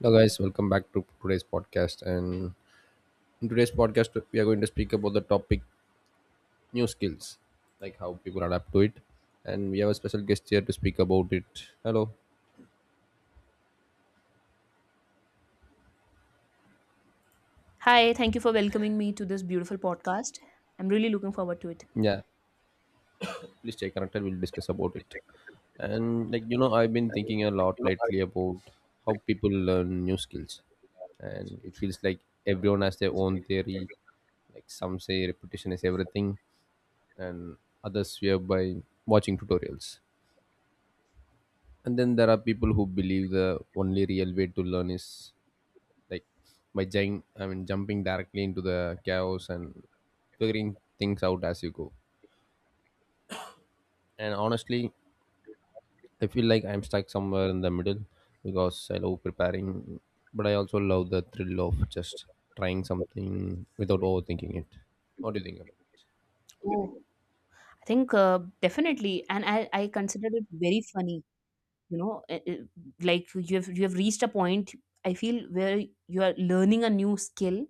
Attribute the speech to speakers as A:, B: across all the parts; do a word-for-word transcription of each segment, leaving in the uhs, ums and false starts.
A: Hello guys, welcome back to today's podcast. And in today's podcast, we are going to speak about the topic new skills, like how people adapt to it. And we have a special guest here to speak about it. Hello.
B: Hi, thank you for welcoming me to this beautiful podcast. I'm really looking forward to it.
A: Yeah. Please stay connected. We'll discuss about it. And like you know, I've been thinking a lot lately about how people learn new skills, and it feels like everyone has their own theory. Like some say repetition is everything, and others swear by watching tutorials, and then there are people who believe the only real way to learn is like by jump, I mean jumping directly into the chaos and figuring things out as you go. And honestly, I feel like I'm stuck somewhere in the middle because I love preparing, but I also love the thrill of just trying something without overthinking it. What do you think about it?
B: Oh, I think uh, definitely, and I, I consider it very funny. You know, eh, eh, like you have you have reached a point. I feel where you are learning a new skill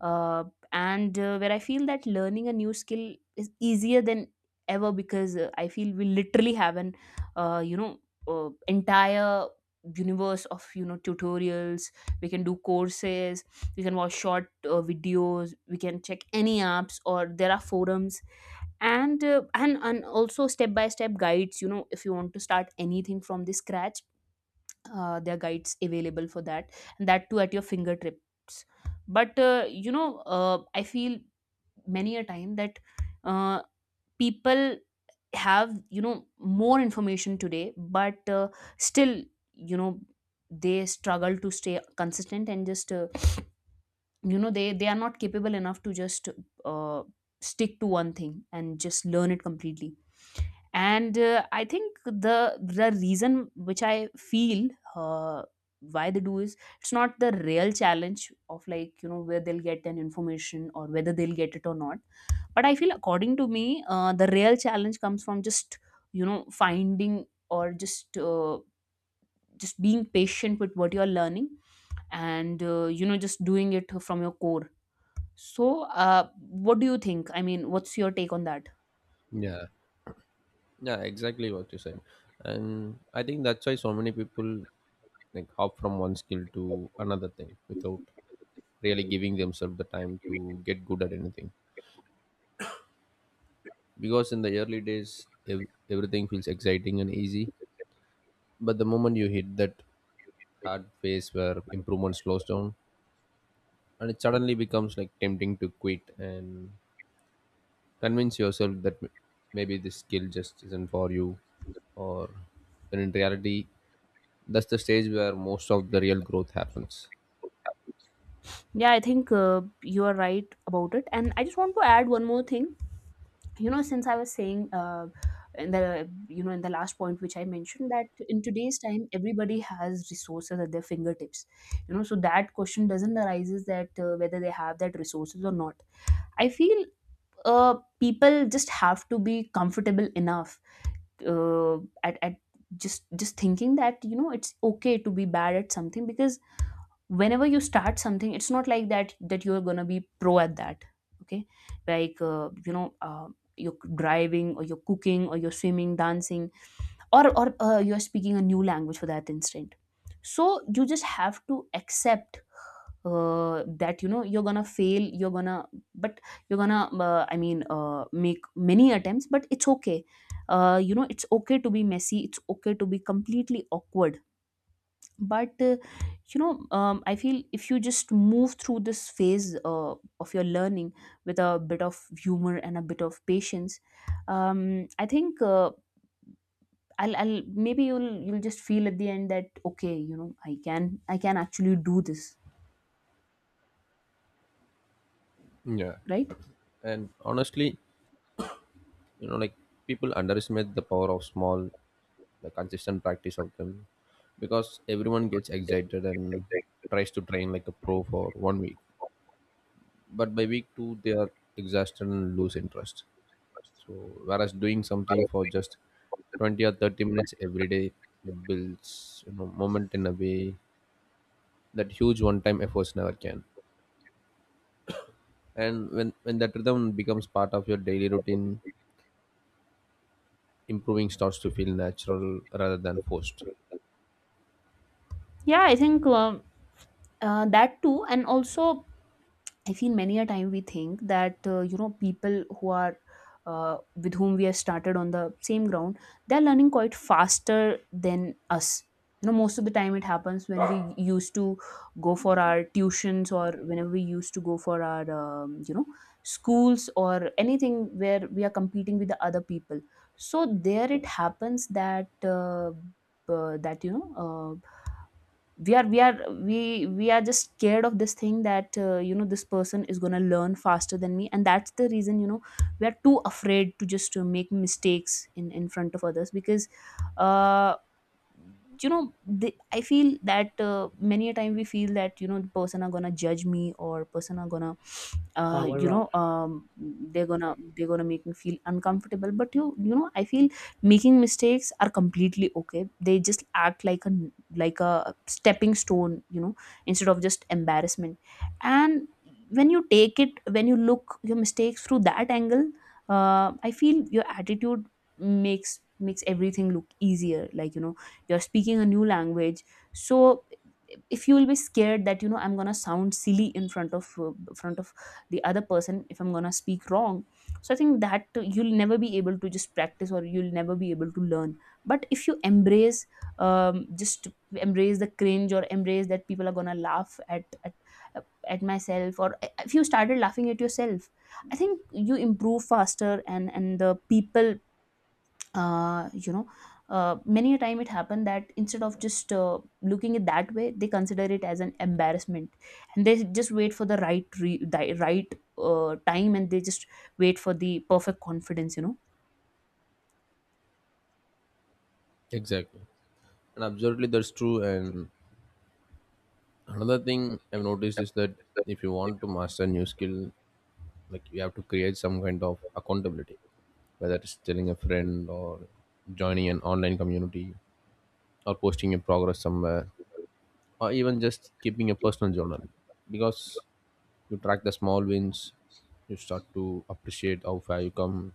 B: uh, and uh, where I feel that learning a new skill is easier than ever because uh, I feel we literally have an uh, you know uh, entire universe of you know tutorials. We can do courses, we can watch short uh, videos, we can check any apps, or there are forums. And uh, and and also step by step guides, you know, if you want to start anything from the scratch, uh, there are guides available for that, and that too at your fingertips. But uh, you know uh, I feel many a time that uh, people have, you know, more information today, but uh, still, you know, they struggle to stay consistent, and just uh, you know they they are not capable enough to just uh, stick to one thing and just learn it completely. And uh, I think the the reason which I feel uh, why they do is, it's not the real challenge of, like, you know, where they'll get an information or whether they'll get it or not. But I feel, according to me, uh, the real challenge comes from just, you know, finding or just uh, just being patient with what you're learning. And uh, you know, just doing it from your core. So uh, what do you think? I mean, what's your take on that?
A: Yeah. Yeah, exactly what you said. And I think that's why so many people like hop from one skill to another thing without really giving themselves the time to get good at anything. Because in the early days, ev- everything feels exciting and easy. But the moment you hit that hard phase where improvement slows down, and it suddenly becomes like tempting to quit and convince yourself that m- maybe this skill just isn't for you, or when in reality, that's the stage where most of the real growth happens.
B: Yeah, I think uh, you are right about it, and I just want to add one more thing. You know, since I was saying uh, in the, you know, in the last point which I mentioned, that in today's time everybody has resources at their fingertips. You know, so that question doesn't arises that uh, whether they have that resources or not. I feel uh, people just have to be comfortable enough uh, at, at just just thinking that, you know, it's okay to be bad at something, because whenever you start something, it's not like that that you're gonna be pro at that. Okay, like uh, you know uh, you're driving, or you're cooking, or you're swimming, dancing, or or uh, you're speaking a new language, for that instant. So you just have to accept uh, that, you know, you're gonna fail, you're gonna, but you're gonna uh, i mean uh, make many attempts, but it's okay. Uh, you know, it's okay to be messy, it's okay to be completely awkward. But uh, you know um, I feel if you just move through this phase uh, of your learning with a bit of humor and a bit of patience, um, I think uh, I'll, I'll maybe you'll you'll just feel at the end that, okay, you know, I can, i can actually do this,
A: Yeah.
B: right?
A: And honestly, you know like people underestimate the power of small, the consistent practice of them, because everyone gets excited and tries to train like a pro for one week, but by week two they are exhausted and lose interest. So whereas doing something for just twenty or thirty minutes every day builds you know moment in a way that huge one time efforts never can. And when when that rhythm becomes part of your daily routine, improving starts to feel natural rather than forced.
B: Yeah, I think um, uh, that too, and also I feel many a time we think that uh, you know, people who are uh, with whom we have started on the same ground, they are learning quite faster than us. You know, most of the time it happens when we used to go for our tuitions, or whenever we used to go for our um, you know, schools or anything where we are competing with the other people. So there it happens that uh, uh, that, you know. Uh, we are, we are we we are just scared of this thing that, uh, you know, this person is going to learn faster than me. And that's the reason, you know, we are too afraid to just uh, make mistakes in in front of others. Because uh you know, they, I feel that uh, many a time we feel that, you know, the person are gonna judge me, or person are gonna uh, power you up, know, um, they're gonna, they're gonna make me feel uncomfortable. But you you know, I feel making mistakes are completely okay. They just act like a like a stepping stone, you know, instead of just embarrassment. And when you take it, when you look your mistakes through that angle, uh, I feel your attitude makes, makes everything look easier. Like, you know, you're speaking a new language. So if you will be scared that, you know, I'm gonna sound silly in front of uh, front of the other person, if I'm gonna speak wrong, so I think that uh, you'll never be able to just practice, or you'll never be able to learn. But if you embrace um, just embrace the cringe, or embrace that people are gonna laugh at at, at myself, or if you started laughing at yourself, I think you improve faster. and and the people, uh, you know uh, many a time it happened that instead of just uh, looking it that way, they consider it as an embarrassment. And they just wait for the right re- the right uh, time, and they just wait for the perfect confidence, you know.
A: Exactly. And absolutely that's true. And another thing I've noticed is that if you want to master a new skill, like, you have to create some kind of accountability, whether it's telling a friend or joining an online community, or posting your progress somewhere, or even just keeping a personal journal, because you track the small wins, you start to appreciate how far you come,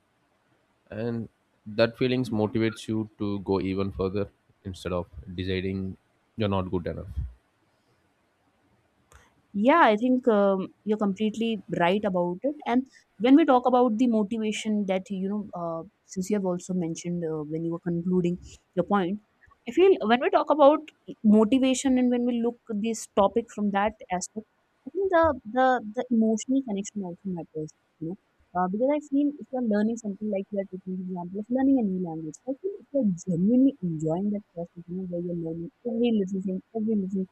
A: and that feelings motivates you to go even further instead of deciding you're not good enough.
B: Yeah, I think um, you're completely right about it. And when we talk about the motivation that, you know, uh, since you have also mentioned uh, when you were concluding your point, I feel when we talk about motivation, and when we look at this topic from that aspect, I think the, the, the emotional connection also matters, you know, uh, because I feel if you're learning something, like you're taking the example of learning a new language, I feel if you're genuinely enjoying that process, you know, where you're learning every little thing, every little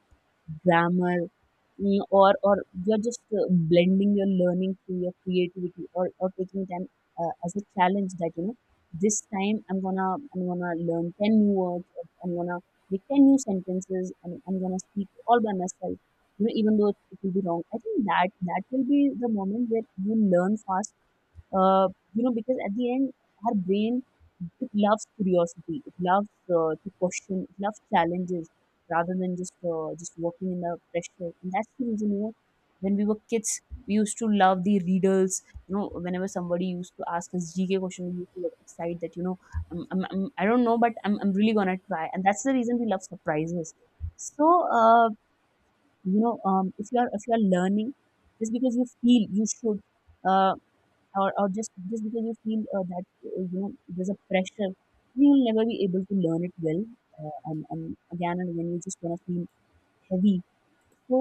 B: grammar, mm, or or you're just uh, blending your learning through your creativity, or or taking it an, uh, as a challenge that, you know, this time i'm gonna i'm gonna learn ten new words, or I'm gonna make ten new sentences, and I'm gonna speak all by myself. You know, even though it will be wrong, I think that that will be the moment where you learn fast. uh, you know, because at the end, our brain, it loves curiosity, it loves uh, to question, it loves challenges, rather than just uh, just working in the pressure. And that's the reason, you know, when we were kids, we used to love the riddles. You know, whenever somebody used to ask us gk question, we used to get excited, that, you know, I'm, I'm, I'm, I don't know, but I'm, I'm really gonna try. And that's the reason we love surprises. So uh, you know um, if you are, if you are learning just because you feel you should, uh or, or just just because you feel uh, that, uh, you know, there's a pressure, then you'll never be able to learn it well. Uh, and and again and again, you're just gonna feel heavy. So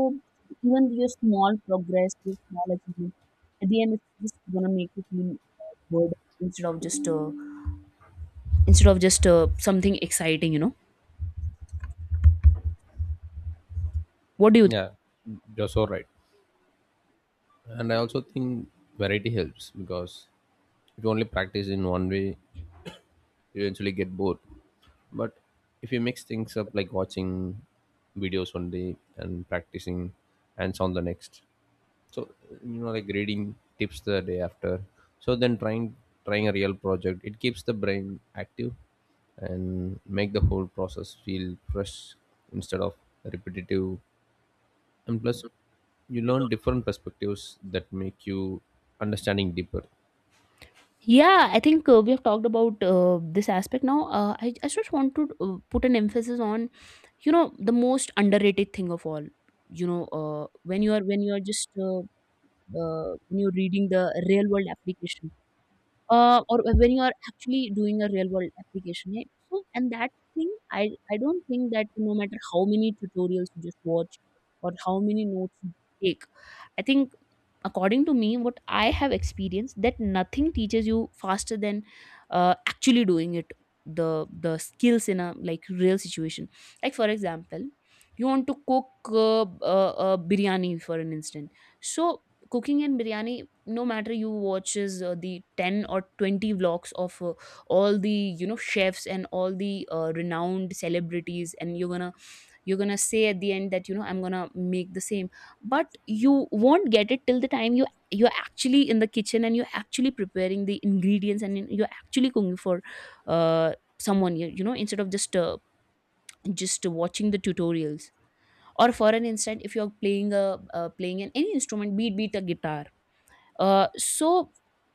B: even your small progress, your small achievement, at the end, it's just gonna make you feel good, instead of just uh, instead of just uh, something exciting, you know. What do you—
A: Yeah, you're so right. And I also think variety helps, because if you only practice in one way, you eventually get bored. But if you mix things up, like watching videos one day and practicing hands on the next, so you know like reading tips the day after, so then trying trying a real project, it keeps the brain active and make the whole process feel fresh instead of repetitive. And plus, you learn different perspectives that make you understanding deeper.
B: Yeah, I think uh, we have talked about uh, this aspect now. Uh, I, I just want to uh, put an emphasis on, you know, the most underrated thing of all. You know, uh, when you are, when you are just uh, uh, when you're reading the real world application, uh, or when you are actually doing a real world application, right? So and that thing i i don't think that no matter how many tutorials you just watch or how many notes you take, I think according to me, what I have experienced that nothing teaches you faster than uh, actually doing it, the the skills in a like real situation. Like for example, you want to cook uh, uh, uh, biryani for an instant. So cooking and biryani, no matter you watches uh, the ten or twenty vlogs of uh, all the you know chefs and all the uh, renowned celebrities, and you're gonna you're gonna say at the end that you know I'm gonna make the same. But you won't get it till the time you, you're actually in the kitchen and you're actually preparing the ingredients and you're actually cooking for uh, someone you, you know instead of just uh, just watching the tutorials. Or for an instant, if you're playing a uh, playing an any instrument, be it, be it a guitar. Uh, so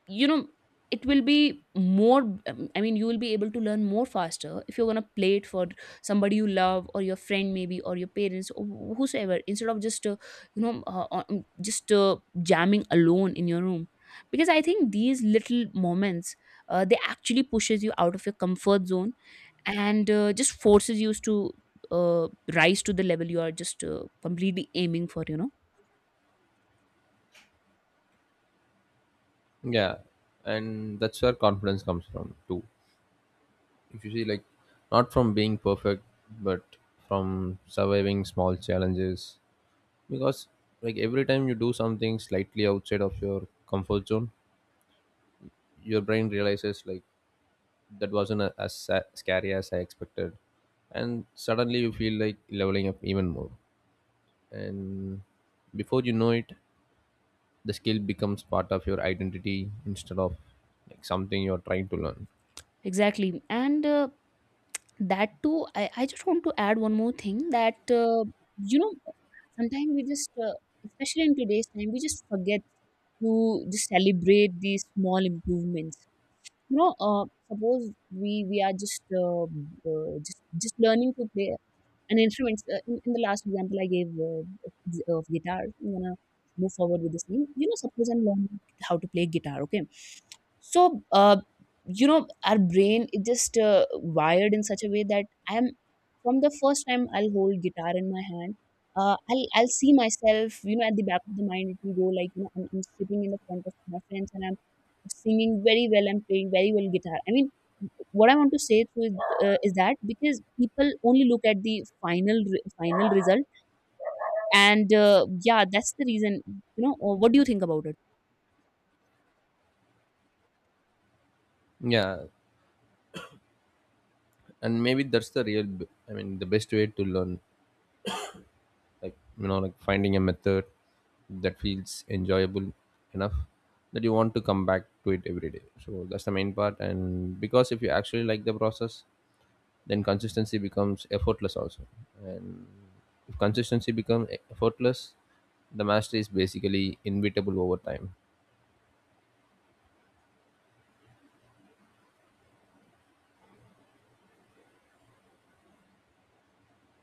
B: you know it will be more, um, I mean you will be able to learn more faster if you're going to play it for somebody you love, or your friend maybe, or your parents or whosoever, instead of just uh, you know uh, uh, um, just uh, jamming alone in your room. Because I think these little moments, uh, they actually pushes you out of your comfort zone and uh, just forces you to uh, rise to the level you are just uh, completely aiming for, you know.
A: Yeah, and that's where confidence comes from too, if you see, like, not from being perfect, but from surviving small challenges. Because like every time you do something slightly outside of your comfort zone, your brain realizes, like, that wasn't a, as sa- scary as I expected, and suddenly you feel like leveling up even more. And before you know it, the skill becomes part of your identity instead of like something you're trying to learn.
B: Exactly. And uh, That too, I I just want to add one more thing that, uh, you know, sometimes we just, uh, especially in today's time, we just forget to just celebrate these small improvements. You know, uh, suppose we we are just uh, uh, just just learning to play and instruments. Uh, in, in the last example I gave uh, of, of guitar, I'm gonna move forward with the same. You know, suppose I'm learning how to play guitar. Okay, so uh, you know, our brain is just uh, wired in such a way that I'm, from the first time I'll hold guitar in my hand. Uh, I'll I'll see myself, you know, at the back of the mind. It will go like, you know, I'm, I'm sitting in the front of my friends and I'm singing very well. I'm playing very well guitar. I mean, what I want to say through uh, is that because people only look at the final re- final result. And uh, Yeah, that's the reason, you know. Uh, what do you think about it?
A: Yeah, and maybe that's the real b- i mean the best way to learn, like you know like finding a method that feels enjoyable enough that you want to come back to it every day. So that's the main part, and because if you actually like the process, then consistency becomes effortless also. And if consistency becomes effortless, the mastery is basically inevitable over time.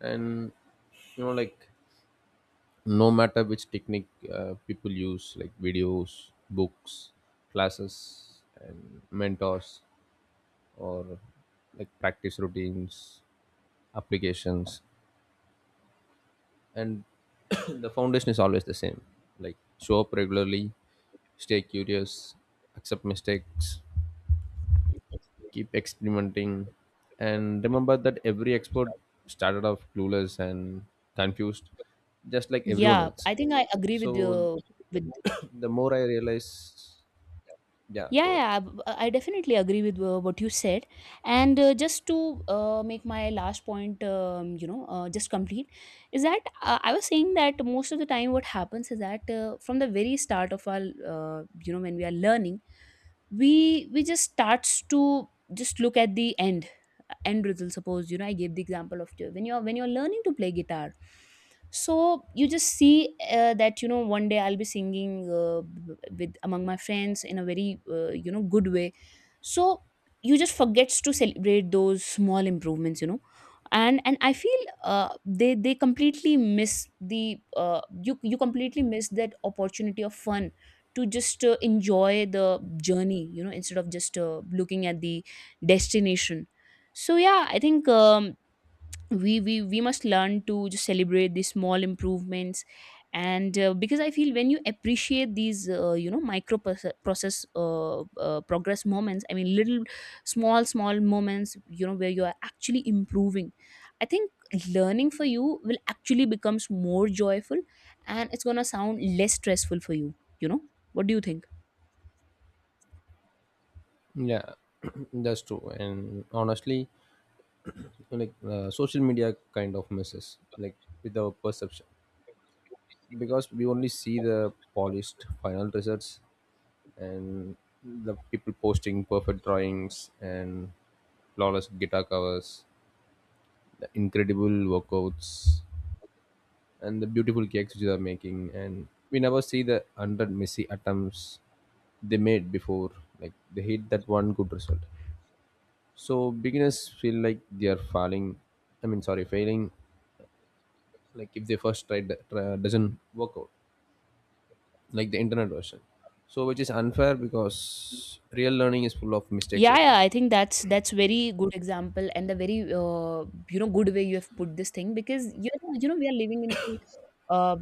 A: And you know like no matter which technique uh, people use, like videos, books, classes and mentors, or like practice routines, applications, and the foundation is always the same. Like show up regularly, stay curious, accept mistakes, keep experimenting, and remember that every expert started off clueless and confused, just like everyone
B: Yeah,
A: else.
B: I think I agree with
A: So
B: you. With,
A: the more I realize, yeah,
B: yeah,
A: go ahead.
B: yeah, b- I definitely agree with uh, what you said. And uh, just to uh, make my last point, um, you know uh, just complete, is that uh, I was saying that most of the time what happens is that uh, from the very start of our uh, you know, when we are learning, we we just starts to just look at the end end result. Suppose, you know, I gave the example of when you're when you're learning to play guitar. So you just see uh, that you know one day I'll be singing uh, with among my friends in a very uh, you know good way. So you just forgets to celebrate those small improvements, you know. and and I feel uh, they they completely miss the uh, you, you completely miss that opportunity of fun to just uh, enjoy the journey, you know, instead of just uh, looking at the destination. So yeah, I think um, we we we must learn to just celebrate these small improvements. And uh, because I feel when you appreciate these uh, you know micro proce- process uh, uh, progress moments, I mean little small small moments, you know, where you are actually improving, I think learning for you will actually becomes more joyful, and it's going to sound less stressful for you, you know. What do you think?
A: Yeah. That's true. And honestly, like, uh, social media kind of messes, like, with our perception, because we only see the polished final results and the people posting perfect drawings and flawless guitar covers, the incredible workouts, and the beautiful cakes which they are making, and we never see the hundred messy attempts they made before, like they hit that one good result. So beginners feel like they are falling, I mean, sorry, failing, like if they first try, try doesn't work out like the internet version. So which is unfair, because real learning is full of mistakes, I
B: Yeah, yeah,
A: think.
B: I think that's that's very good example and a very uh, you know good way you have put this thing. Because you know, you know we are living in the uh,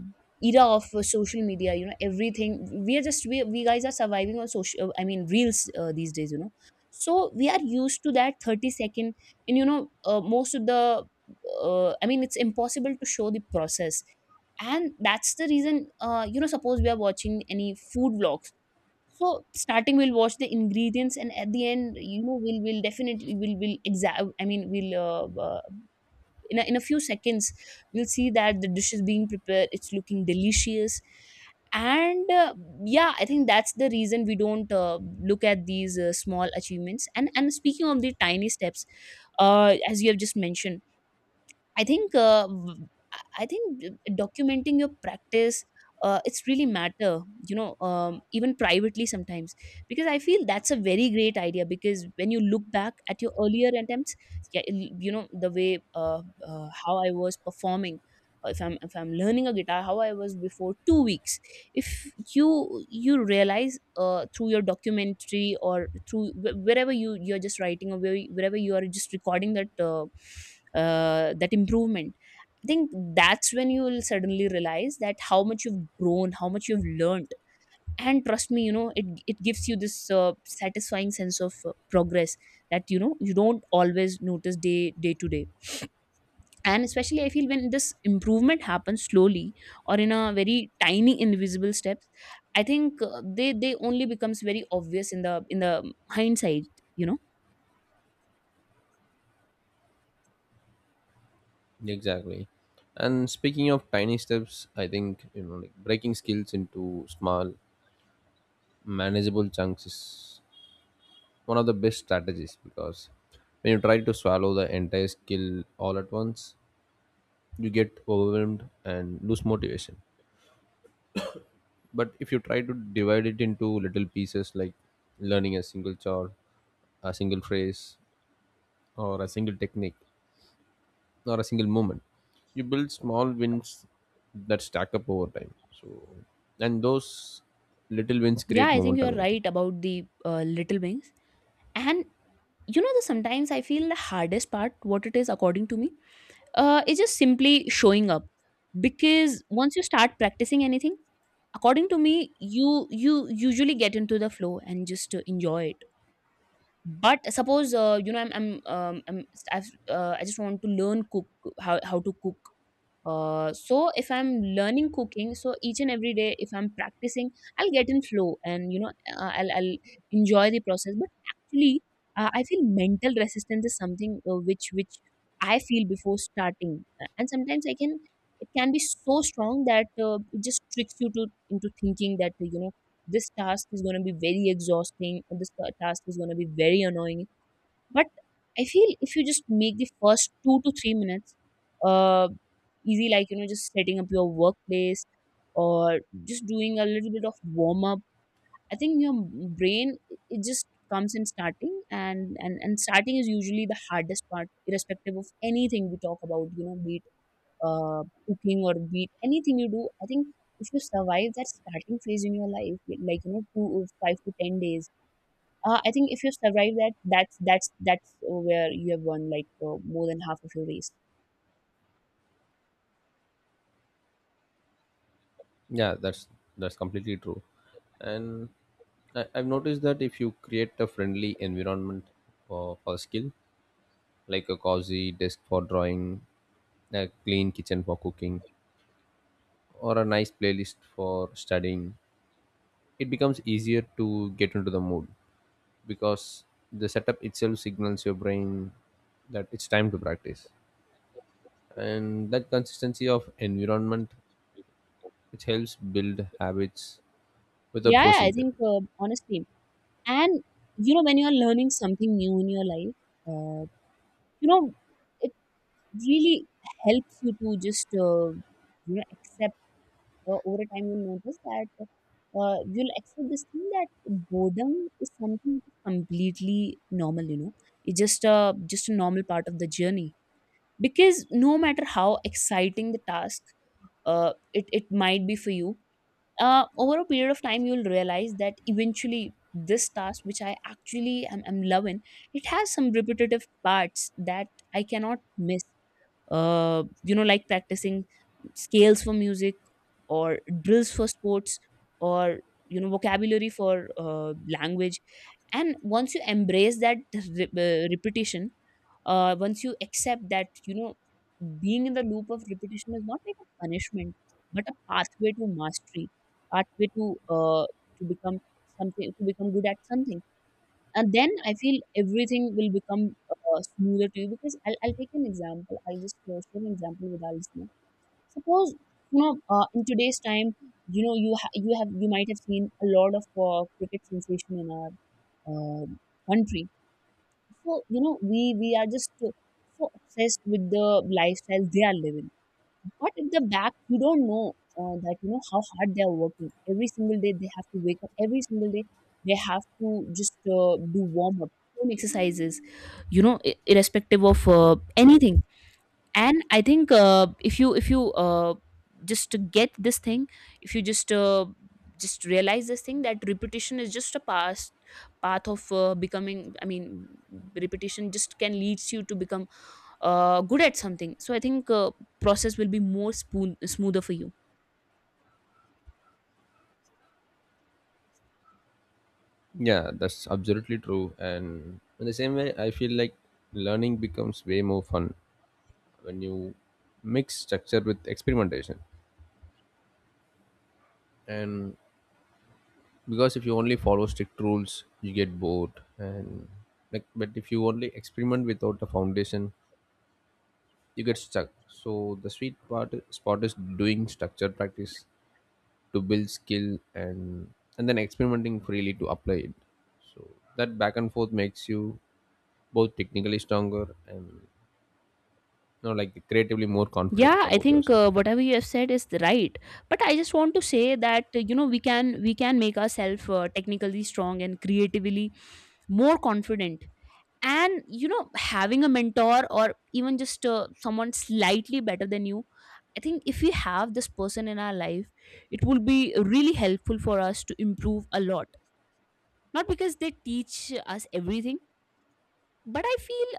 B: era of uh, social media, you know, everything. We are just we, we guys are surviving on social, I mean reels uh, these days, you know. So we are used to that thirty second. And you know uh, most of the uh, I mean it's impossible to show the process. And that's the reason uh, you know, suppose we are watching any food vlogs. So starting we'll watch the ingredients, and at the end, you know, we'll we'll definitely we'll will exa- I mean, we'll uh, uh, in a, in a few seconds we'll see that the dish is being prepared. It's looking delicious, and uh, yeah, I think that's the reason we don't uh, look at these uh, small achievements. And and speaking of the tiny steps, uh, as you have just mentioned, I think uh, w- I think uh, documenting your practice, uh, it's really matter, you know, um, even privately sometimes. Because I feel that's a very great idea, because when you look back at your earlier attempts, yeah, you know the way uh, uh, how I was performing, if I'm, if I'm learning a guitar how I was before two weeks. If you, you realize uh, through your documentary or through wh- wherever you, you're just writing, or where, wherever you are just recording that uh, uh, that improvement, I think that's when you will suddenly realize that how much you've grown, how much you've learned. And trust me, you know it, it gives you this uh, satisfying sense of uh, progress that you know you don't always notice day day to day. And especially I feel when this improvement happens slowly or in a very tiny invisible steps, I think uh, they they only becomes very obvious in the in the hindsight, you know.
A: Exactly. And speaking of tiny steps, I think, you know like breaking skills into small manageable chunks is one of the best strategies, because when you try to swallow the entire skill all at once, you get overwhelmed and lose motivation. But if you try to divide it into little pieces, like learning a single chore, a single phrase, or a single technique, or a single moment, you build small wins that stack up over time. So and those little wins
B: Yeah,
A: create
B: I think you're
A: momentum, I think.
B: right about the uh, little wings. And you know, the sometimes I feel the hardest part what it is according to me, uh, is just simply showing up. Because once you start practicing anything, according to me, you you usually get into the flow and just uh, enjoy it. But suppose, uh, you know, I'm, I'm, um, I'm I've, uh, I just want to learn cook, how, how to cook. Uh, so if I'm learning cooking, so each and every day, if I'm practicing, I'll get in flow, and you know uh, I'll I'll enjoy the process. But actually, uh, I feel mental resistance is something uh, which which I feel before starting. Uh, and sometimes I can, it can be so strong that uh, it just tricks you to into thinking that uh, you know this task is going to be very exhausting, or this ta- task is going to be very annoying. But I feel if you just make the first two to three minutes uh, easy, like you know, just setting up your workplace or just doing a little bit of warm up, I think your brain, it just comes in starting. And, and and starting is usually the hardest part irrespective of anything we talk about, you know, be it uh, cooking or be it anything you do. I think if you survive that starting phase in your life, like you know, two uh, five to ten days, uh, I think if you survive that, that's that's that's where you have won like uh, more than half of your race.
A: Yeah, that's that's completely true. And I, I've noticed that if you create a friendly environment for, for skill, like a cozy desk for drawing, a clean kitchen for cooking, or a nice playlist for studying, it becomes easier to get into the mood, because the setup itself signals your brain that it's time to practice, and that consistency of environment which helps build habits without
B: Yeah, yeah, I
A: forcing them.
B: think uh, honestly, and you know, when you are learning something new in your life, uh, you know, it really helps you to just uh, you know accept uh, over time you'll notice that uh, you'll accept this thing that boredom is something completely normal, you know. It's just a, just a normal part of the journey. Because no matter how exciting the task uh, it, it might be for you, uh, over a period of time you'll realize that eventually this task which I actually am, am loving, it has some repetitive parts that I cannot miss. Uh, you know, like practicing scales for music, or drills for sports, or you know vocabulary for uh, language. And once you embrace that re- uh, repetition, uh, once you accept that you know being in the loop of repetition is not like a punishment, but a pathway to mastery, pathway to uh, to become, something to become good at something. And then I feel everything will become uh, smoother to you. Because I'll, I'll take an example. I'll just uh, share an example with our listener. Suppose, you know uh, in today's time, you know you ha- you have, you might have seen a lot of uh, cricket sensation in our uh, country. So you know we we are just uh, so obsessed with the lifestyle they are living. But at the back you don't know uh, that you know how hard they are working every single day. They have to wake up every single day, they have to just uh, do warm up, home exercises, you know, i- irrespective of uh, anything. And I think uh, if you if you uh, just to get this thing, if you just uh, just realize this thing that repetition is just a past path of uh, becoming, I mean repetition just can leads you to become uh, good at something. So I think uh, process will be more spoon- smoother for you.
A: Yeah, that's absolutely true. And in the same way I feel like learning becomes way more fun when you mix structure with experimentation. And because if you only follow strict rules, you get bored. And like, but if you only experiment without a foundation, you get stuck. So the sweet part spot is doing structured practice to build skill, and and then experimenting freely to apply it. So that back and forth makes you both technically stronger and you know like creatively more confident
B: Yeah, I
A: about
B: think
A: yourself.
B: uh, whatever you have said is the right. But I just want to say that uh, you know we can we can make ourselves uh, technically strong and creatively more confident. And you know having a mentor, or even just uh, someone slightly better than you, I think if we have this person in our life, it will be really helpful for us to improve a lot. Not because they teach us everything, but I feel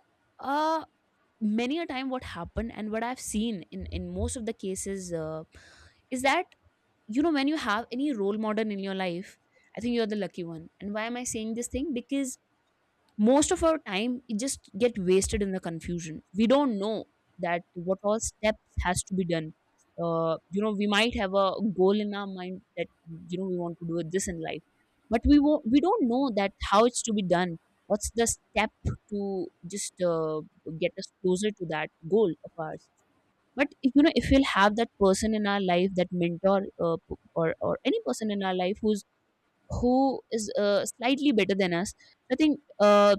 B: uh, many a time what happened and what I've seen in in most of the cases, uh, is that you know when you have any role model in your life, I think you're the lucky one. And why am I saying this thing? Because most of our time it just get wasted in the confusion. We don't know that what all steps has to be done. Uh, you know, we might have a goal in our mind that you know we want to do it this in life, but we won't, we don't know that how it's to be done, what's the step to just uh, get us closer to that goal of ours. But you know if we'll have that person in our life, that mentor, uh, p- or or any person in our life who's who is uh, slightly better than us, I think uh,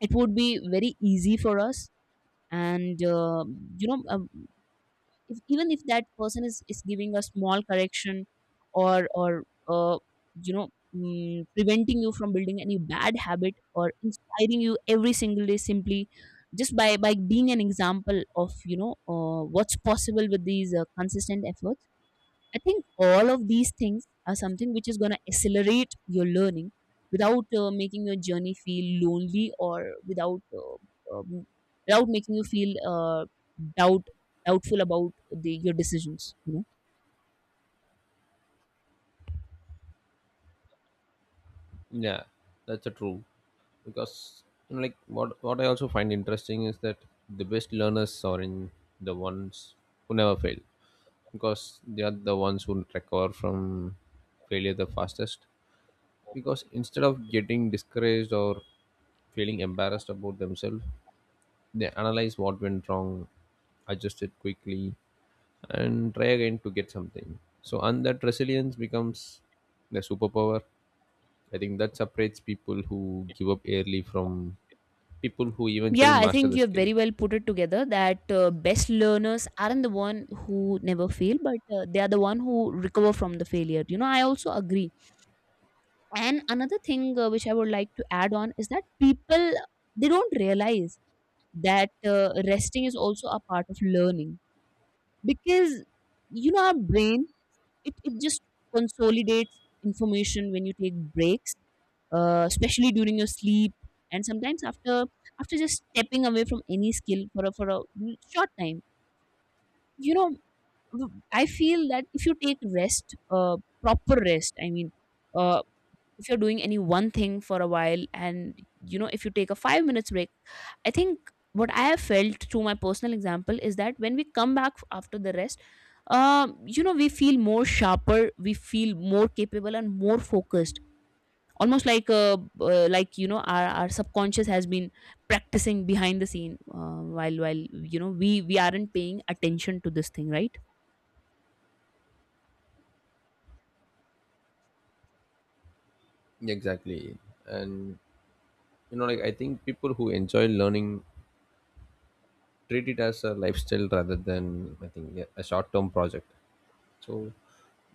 B: it would be very easy for us. And uh, you know, um, if, even if that person is, is giving a small correction or or uh, you know mm, preventing you from building any bad habit, or inspiring you every single day, simply just by by being an example of you know uh, what's possible with these uh, consistent efforts. I think all of these things are something which is going to accelerate your learning without uh, making your journey feel lonely, or without uh, um, without making you feel uh, doubt doubtful about the, your decisions. You know.
A: Yeah, that's a true. Because you know, like what what I also find interesting is that the best learners are in the ones who never fail, because they are the ones who recover from failure the fastest, because instead of getting discouraged or feeling embarrassed about themselves, they analyze what went wrong, adjust it quickly, and try again to get something. So and that resilience becomes the superpower, I think, that separates people who give up early from people who eventually
B: Yeah, I
A: master
B: think
A: the
B: you have
A: skill.
B: very well put it together that uh, best learners aren't the one who never fail, but uh, they are the one who recover from the failure. You know, I also agree. And another thing uh, which I would like to add on is that people they don't realize that uh, resting is also a part of learning, because you know our brain, it, it just consolidates information when you take breaks, uh, especially during your sleep, and sometimes after after just stepping away from any skill for a for a short time. You know, I feel that if you take rest, uh, proper rest, I mean, uh, if you're doing any one thing for a while, and you know if you take a five minutes break, I think what I have felt through my personal example is that when we come back after the rest, um, you know, we feel more sharper, we feel more capable and more focused, almost like uh, uh, like you know our, our subconscious has been practicing behind the scene uh, while while you know we we aren't paying attention to this thing, right?
A: Exactly. And you know like I think people who enjoy learning treat it as a lifestyle rather than, I think, yeah, a short term project. So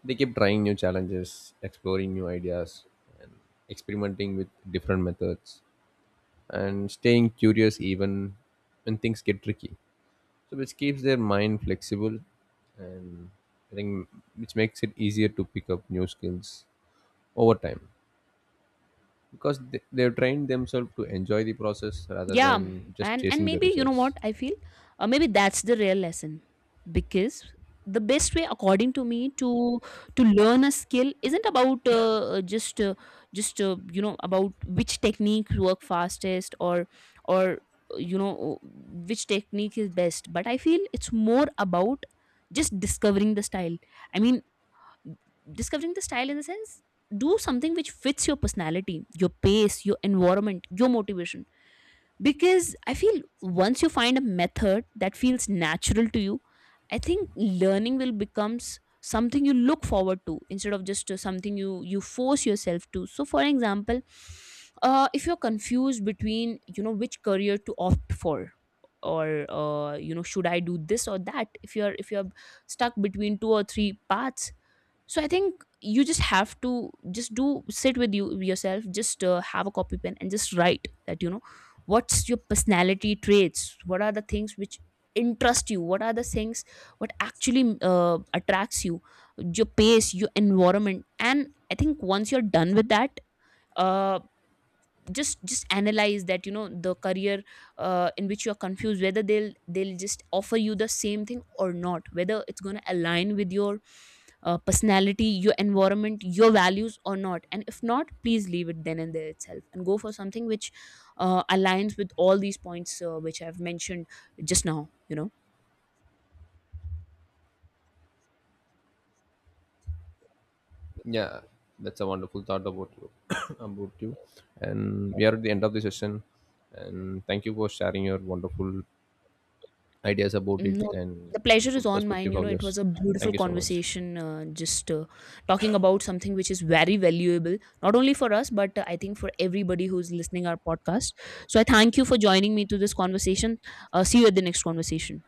A: they keep trying new challenges, exploring new ideas, and experimenting with different methods, and staying curious even when things get tricky. So which keeps their mind flexible, and I think which makes it easier to pick up new skills over time, because they, they've trained themselves to enjoy the process rather
B: Yeah.
A: than just
B: And and
A: chasing the
B: maybe you know
A: results.
B: what I feel, uh, maybe that's the real lesson. Because the best way according to me to to learn a skill isn't about uh, uh, just uh, just uh, you know, about which technique work fastest, or or uh, you know which technique is best, but I feel it's more about just discovering the style. I mean, discovering the style in the sense, do something which fits your personality, your pace, your environment, your motivation. Because I feel once you find a method that feels natural to you, I think learning will becomes something you look forward to, instead of just uh, something you you force yourself to. So for example, uh, if you're confused between you know which career to opt for, or uh, you know, should I do this or that, if you're if you're stuck between two or three paths. So I think you just have to just do sit with you yourself, just uh, have a copy pen and just write that you know what's your personality traits, what are the things which interest you, what are the things, what actually uh, attracts you, your pace, your environment. And I think once you're done with that, uh, just just analyze that you know the career uh, in which you are confused, whether they'll they'll just offer you the same thing or not, whether it's going to align with your uh, personality, your environment, your values or not. And if not, please leave it then and there itself, and go for something which uh, aligns with all these points uh, which I've mentioned just now, you know.
A: Yeah, that's a wonderful thought about you, about you. And we are at the end of the session. And thank you for sharing your wonderful ideas about it
B: No,
A: and
B: the pleasure is
A: wonderful
B: on mine.
A: perspective
B: You know,
A: of
B: it
A: yours.
B: was a beautiful
A: Thank you so much.
B: conversation, uh, just uh, talking about something which is very valuable, not only for us, but uh, I think for everybody who's listening our podcast. So I thank you for joining me to this conversation. Uh, see you at the next conversation.